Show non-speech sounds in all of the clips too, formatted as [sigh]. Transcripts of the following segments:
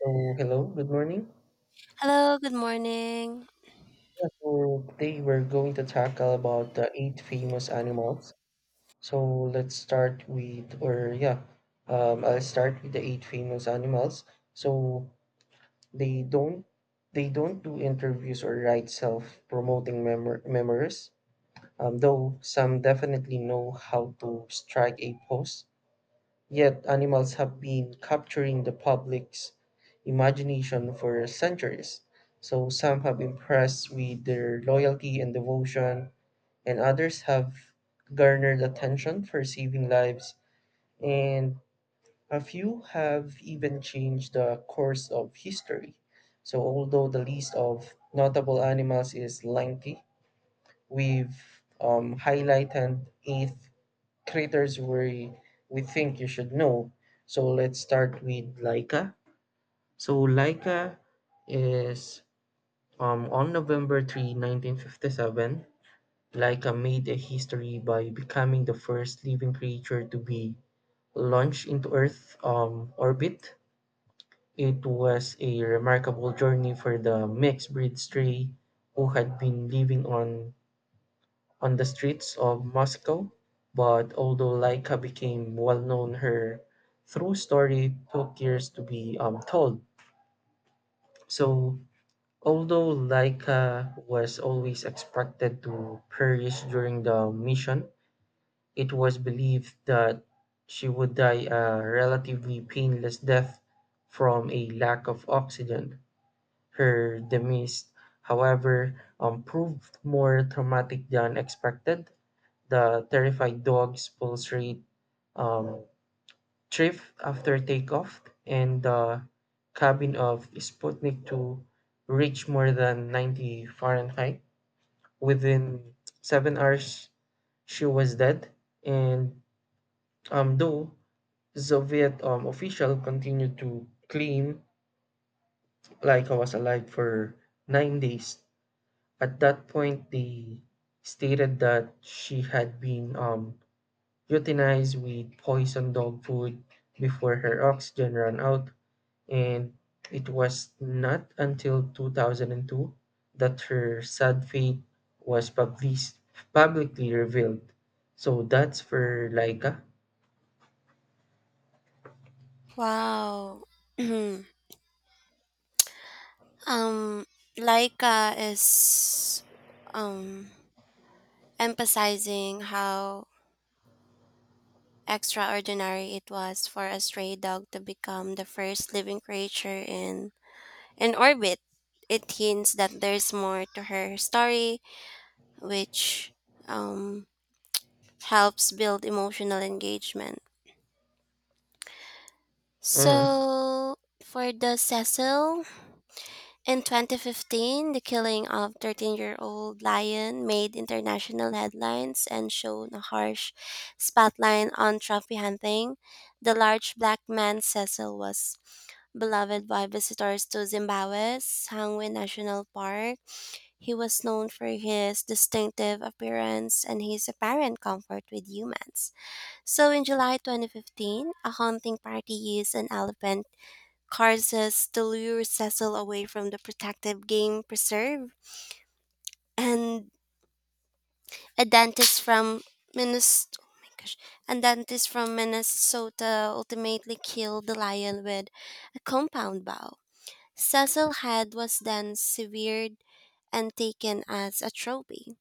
So, hello, good morning. Hello, good morning. Yeah, so today we're going to tackle about the eight famous animals. So let's start with, or yeah, I'll start with the eight famous animals. So they don't, they don't do interviews or write self-promoting memor memoirs. Though some definitely know how to strike a pose. Yet animals have been capturing the public's imagination for centuries. So some have impressed with their loyalty and devotion, and others have garnered attention for saving lives, and a few have even changed the course of history. So although the list of notable animals is lengthy, we've highlighted eight creators we think you should know. So let's start with Laika. So Laika is on November 3, 1957, Laika made a history by becoming the first living creature to be launched into Earth orbit. It was a remarkable journey for the mixed breed stray who had been living on the streets of Moscow, but although Laika became well known, her true story took years to be told. So, although Laika was always expected to perish during the mission, it was believed that she would die a relatively painless death from a lack of oxygen. Her demise, however, proved more traumatic than expected. The terrified dogs pull straight um, drift after takeoff, and the cabin of Sputnik 2 reached more than 90 Fahrenheit. Within 7 hours, she was dead, and though Soviet official continued to claim Laika was alive for 9 days, at that point they stated that she had been euthanized with poison dog food before her oxygen ran out, and it was not until 2002 that her sad fate was publicly revealed. So that's for Laika. Wow. [clears throat] um Laika is um emphasizing how extraordinary it was for a stray dog to become the first living creature in orbit. It hints that there's more to her story, which um helps build emotional engagement. Hmm. So for the Cecil, in 2015, the killing of 13-year-old Lion made international headlines and shone a harsh spotlight on trophy hunting. The large black man Cecil was beloved by visitors to Zimbabwe's Sangwe National Park. He was known for his distinctive appearance and his apparent comfort with humans. So in July 2015, a hunting party used an elephant Carses to lure Cecil away from the protective game preserve, and a dentist from Minnes- oh my gosh, a dentist from Minnesota ultimately killed the lion with a compound bow. Cecil's head was then severed and taken as a trophy.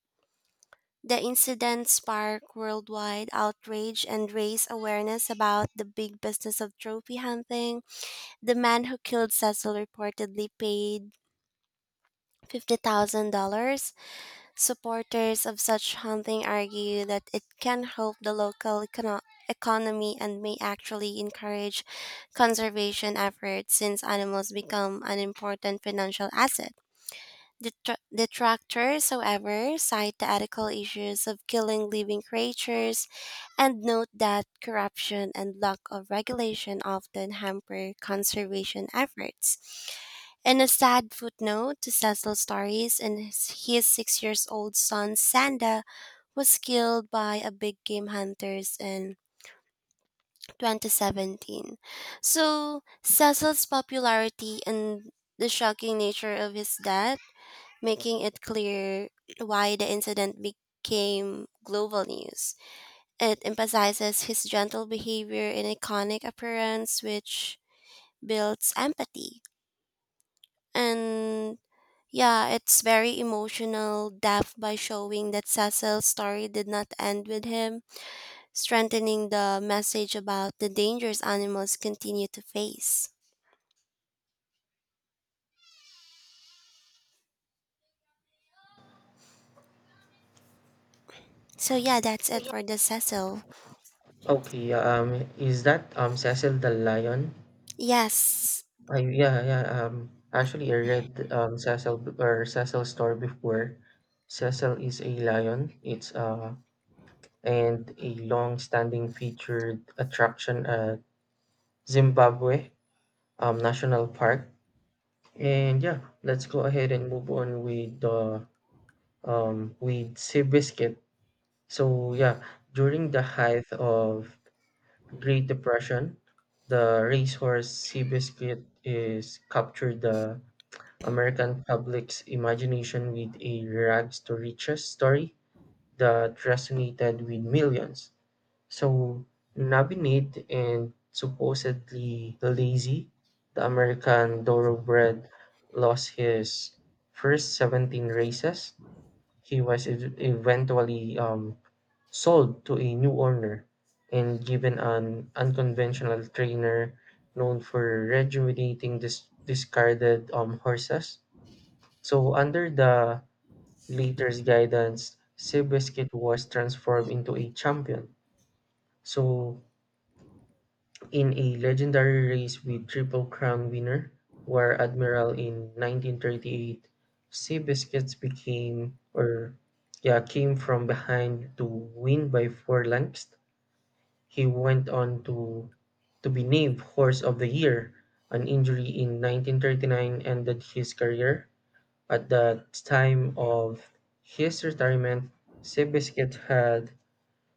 The incident sparked worldwide outrage and raised awareness about the big business of trophy hunting. The man who killed Cecil reportedly paid $50,000. Supporters of such hunting argue that it can help the local economy and may actually encourage conservation efforts since animals become an important financial asset. Detractors, however, cite the ethical issues of killing living creatures and note that corruption and lack of regulation often hamper conservation efforts. In a sad footnote to Cecil's stories, his 6 years old son Sanda was killed by a big game hunters in 2017. So Cecil's popularity and the shocking nature of his death making it clear why the incident became global news. It emphasizes his gentle behavior and iconic appearance, which builds empathy. And yeah, it's very emotional depth by showing that Cecil's story did not end with him, strengthening the message about the dangers animals continue to face. So yeah, that's it for the Cecil. Okay, is that Cecil the Lion? Yes. Yeah, yeah. Actually, I read Cecil or Cecil's story before. Cecil is a lion. It's and a long-standing featured attraction at Zimbabwe National Park. And yeah, let's go ahead and move on with Seabiscuit. So yeah, during the height of Great Depression, the racehorse Seabiscuit is captured the American public's imagination with a rags to riches story that resonated with millions. So Nabinet and supposedly lazy, the American thoroughbred lost his first 17 races. He was eventually sold to a new owner and given an unconventional trainer known for rejuvenating discarded horses. So under the later's guidance, Seabiscuit was transformed into a champion. So in a legendary race with Triple Crown winner, War Admiral in 1938, Seabiscuits became, or yeah, came from behind to win by four lengths. He went on to be named Horse of the Year. An injury in 1939 ended his career. At the time of his retirement, Seabiscuit had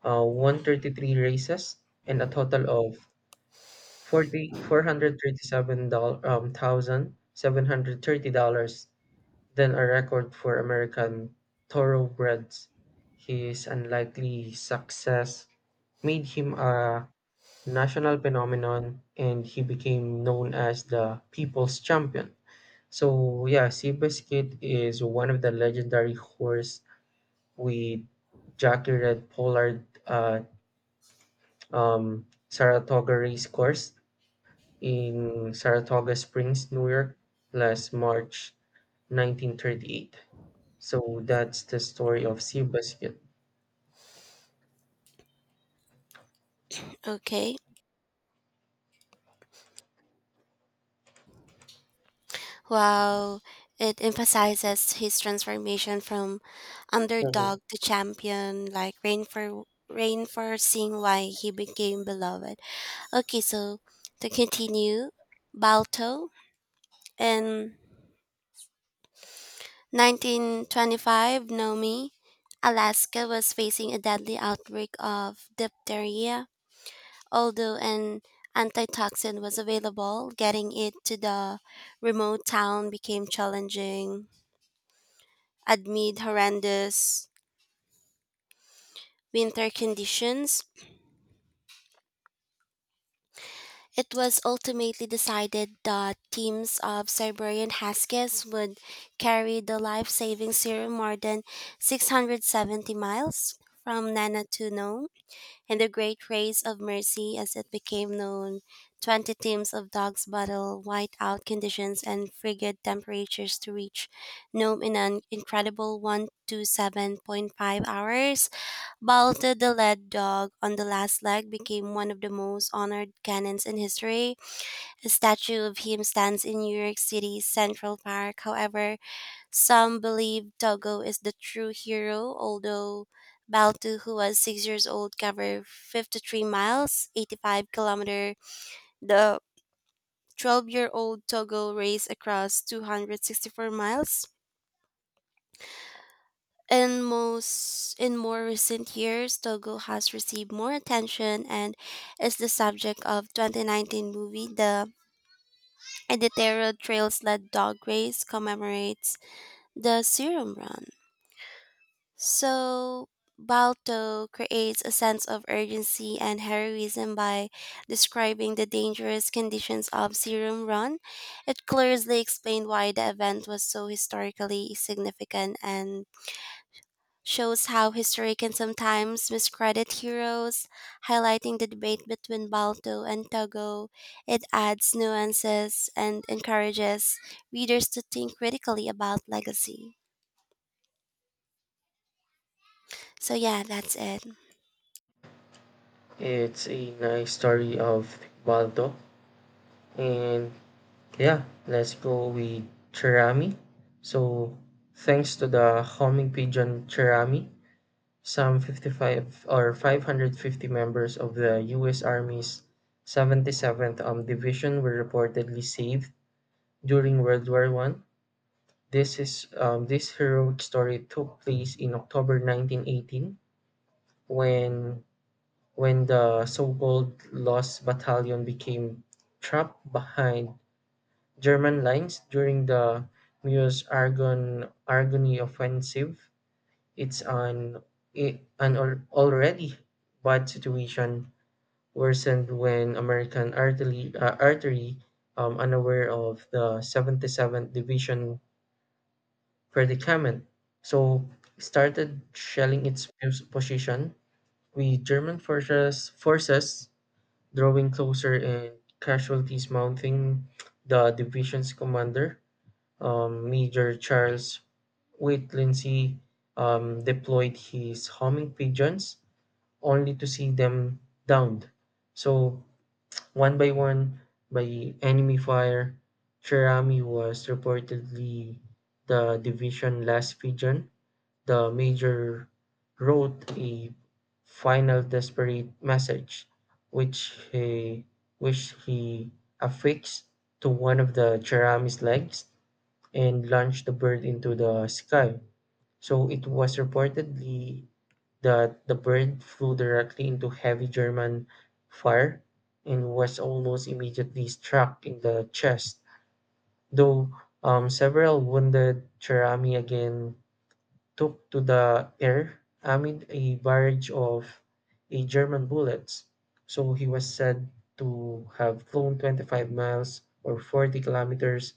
133 races and a total of forty four hundred thirty seven thousand seven hundred thirty dollars, then a record for American thoroughbreds. His unlikely success made him a national phenomenon, and he became known as the People's Champion. So yeah, Seabiscuit is one of the legendary horse with Jackie Red Pollard at Saratoga Race Course in Saratoga Springs, New York, last March 1938. So that's the story of Seabiscuit. Okay. While it emphasizes his transformation from Mhm. underdog to champion, like reinforcing why he became beloved. Okay, so to continue, Balto in 1925, Nomi, Alaska was facing a deadly outbreak of diphtheria. Although an antitoxin was available, getting it to the remote town became challenging amid horrendous winter conditions. It was ultimately decided that teams of Siberian Huskies would carry the life saving serum more than 670 miles from Nana to Nome in the Great Race of Mercy, as it became known. 20 teams of dogs battled whiteout conditions and frigid temperatures to reach Nome in an incredible 127.5 hours. Balta, the lead dog on the last leg, became one of the most honored canons in history. A statue of him stands in New York City's Central Park. However, some believe Doggo is the true hero, although Baltu, who was 6 years old, covered 53 miles, 85 kilometer. The 12-year-old Togo raced across 264 miles. In more recent years, Togo has received more attention and is the subject of 2019 movie. The Editero trails led Dog Race commemorates the Serum Run. So Balto creates a sense of urgency and heroism by describing the dangerous conditions of Serum Run. It clearly explained why the event was so historically significant and shows how history can sometimes miscredit heroes, highlighting the debate between Balto and Togo. It adds nuances and encourages readers to think critically about legacy. So yeah, that's it. It's a nice story of Baldo. And yeah, let's go with Cherami. So thanks to the homing pigeon Cherami, some 55 or 550 members of the US Army's 77th Division were reportedly saved during World War I. This heroic story took place in October 1918 when when the so-called Lost Battalion became trapped behind German lines during the Meuse Argonne offensive. It's an already bad situation worsened when American artillery unaware of the 77th Division predicament. So started shelling its position with German forces drawing closer and casualties mounting. The division's commander, Major Charles Wait Lindsay, deployed his homing pigeons only to see them downed. So one by one, by enemy fire, Cherami was reportedly the division last pigeon. The major wrote a final desperate message, which he, which he affixed to one of the Cheram's legs and launched the bird into the sky. So it was reportedly that the bird flew directly into heavy German fire and was almost immediately struck in the chest, though several wounded Cherami again took to the air amid a barrage of a German bullets, so he was said to have flown 25 miles or 40 kilometers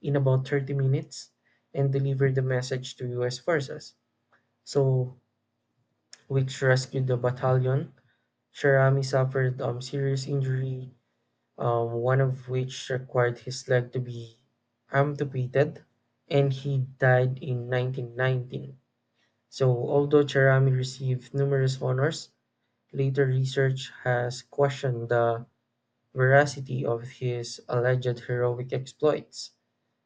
in about 30 minutes and delivered the message to US forces. So, which rescued the battalion. Sharami suffered serious injury, one of which required his leg to be amputated, and he died in 1919. So although Cherami received numerous honors, later research has questioned the veracity of his alleged heroic exploits.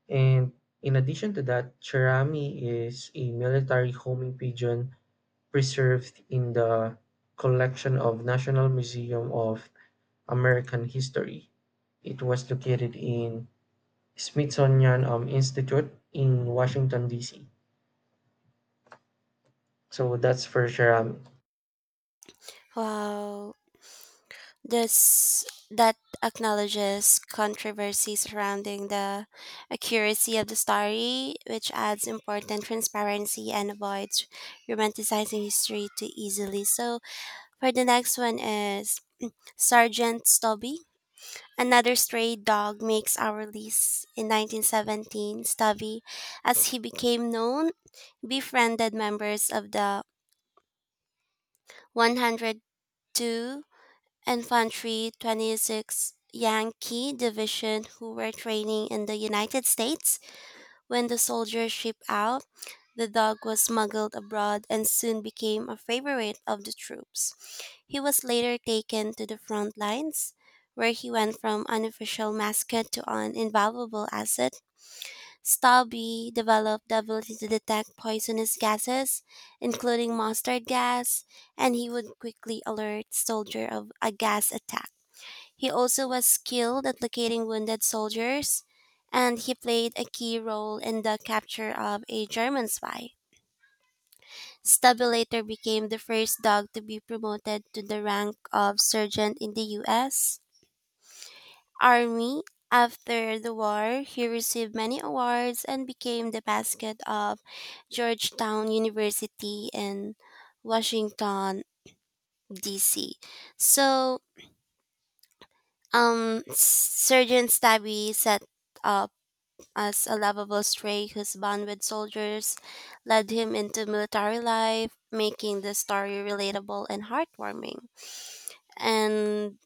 And in addition to that, Cherami is a military homing pigeon preserved in the collection of National Museum of American History. It was located in Smithsonian Institute in Washington D.C. So that's for Cherami. Wow. This that acknowledges controversy surrounding the accuracy of the story, which adds important transparency and avoids romanticizing history too easily. So for the next one is Sergeant Stubby. Another stray dog makes our list in 1917. Stubby, as he became known, befriended members of the 102 Infantry 26th Yankee Division who were training in the United States. When the soldiers shipped out, the dog was smuggled abroad and soon became a favorite of the troops. He was later taken to the front lines, where he went from unofficial mascot to an invaluable asset. Stubby developed the ability to detect poisonous gases, including mustard gas, and he would quickly alert soldier of a gas attack. He also was skilled at locating wounded soldiers, and he played a key role in the capture of a German spy. Stubby later became the first dog to be promoted to the rank of sergeant in the U.S. Army. After the war, he received many awards and became the mascot of Georgetown University in Washington, D.C. So, Sergeant Stubby set up as a lovable stray whose bond with soldiers led him into military life, making the story relatable and heartwarming. And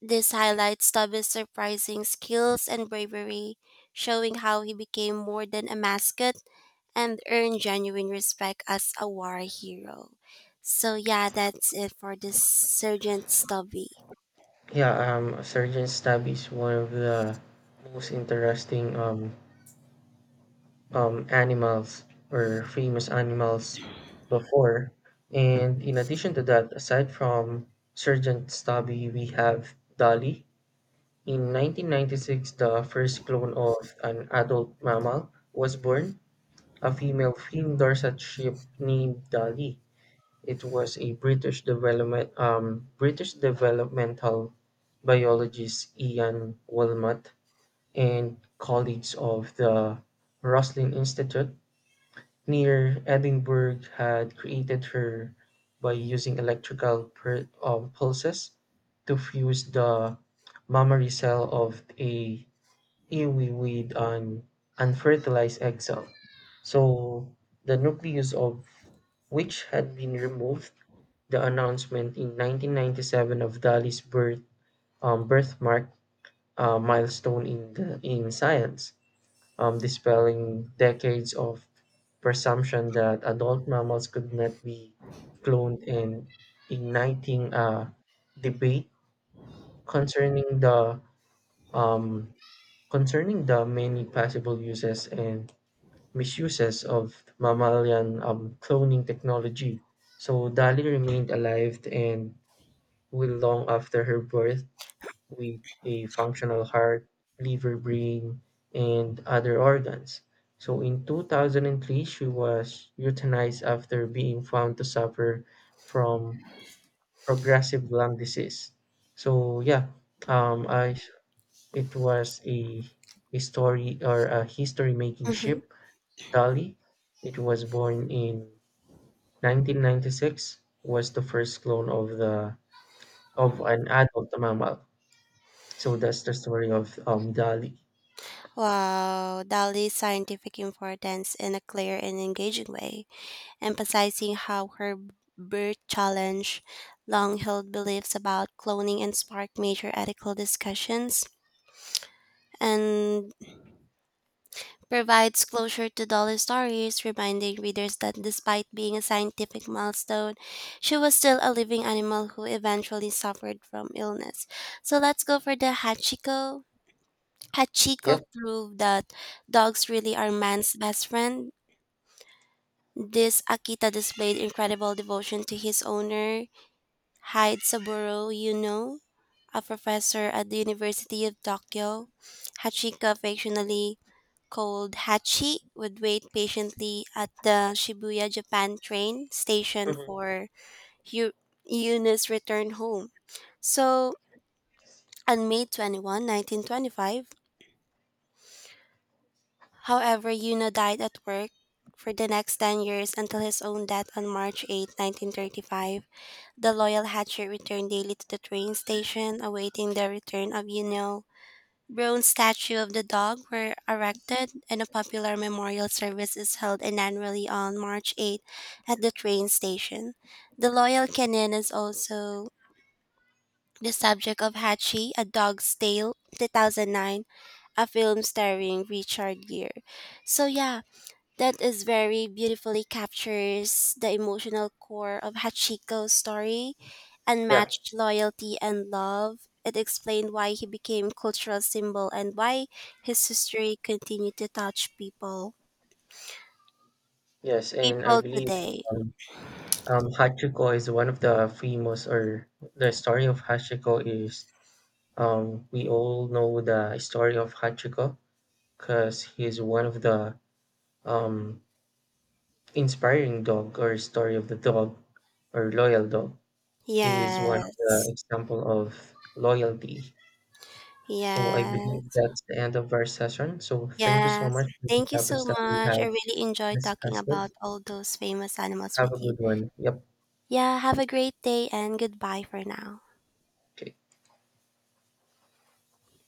this highlights Tubby's surprising skills and bravery, showing how he became more than a mascot and earned genuine respect as a war hero. So yeah, that's it for this Sergeant Stubby. Yeah, Sergeant Stab is one of the most interesting animals or famous animals before. And in addition to that, aside from Sergeant Stabby, we have Dolly. In 1996, the first clone of an adult mammal was born, a female fin dorsal sheep named Dolly. It was a British developmental biologist Ian Wilmot and colleagues of the Roslin Institute near Edinburgh had created her by using electrical pulses to fuse the mammary cell of a ewe with an unfertilized egg cell. So the nucleus of which had been removed. The announcement in 1997 of Dali's birth birthmark a milestone in science, dispelling decades of presumption that adult mammals could not be cloned and igniting a debate concerning the um, concerning the many possible uses and misuses of mammalian cloning technology. So Dali remained alive and Will long after her birth with a functional heart, liver, brain, and other organs. So in 2003, she was euthanized after being found to suffer from progressive lung disease. So yeah, I it was a story or a history making hmm ship, Dolly. It was born in 1996, was the first clone of an adult mammal. So that's the story of Dali. Wow, Dolly's scientific importance in a clear and engaging way, emphasizing how her birth challenged long held beliefs about cloning and sparked major ethical discussions and provides closure to Dolly stories, reminding readers that despite being a scientific milestone, she was still a living animal who eventually suffered from illness. So let's go for the Hachiko. Hachiko Yeah. proved that dogs really are man's best friend. This Akita displayed incredible devotion to his owner, Hyde Saburo, you know, a professor at the University of Tokyo. Hachika, affectionately called Hachi, would wait patiently at the Shibuya, Japan train station Mhm. for Yu- Yuna's return home. So, on May 21, 1925, however, Yuna died at work. For the next 10 years, until his own death on March 8, 1935, the loyal Hatcher returned daily to the train station, awaiting the return of Yuno. Bronze statue of the dog were erected, and a popular memorial service is held annually on March 8 at the train station. The loyal canine is also the subject of Hachi, A Dog's Tale, 2009, a film starring Richard Gere. So yeah, that is very beautifully captures the emotional core of Hachiko's story, Yeah. unmatched loyalty and love. It explained why he became cultural symbol and why his history continued to touch people. Yes, and I People believe today. um, Hachiko is one of the famous, or the story of Hachiko is we all know the story of Hachiko because he's one of the um, inspiring dog or story of the dog or loyal dog. He is one of the Yes. example of loyalty. So I believe Yes. that's the end of our session. So thank you so Yes. much for the Thank you topics so that we much. I have really enjoyed talking about discussed. all those famous animals Have a with you. good one. Yep. Yeah, have a great day and goodbye for now. Okay.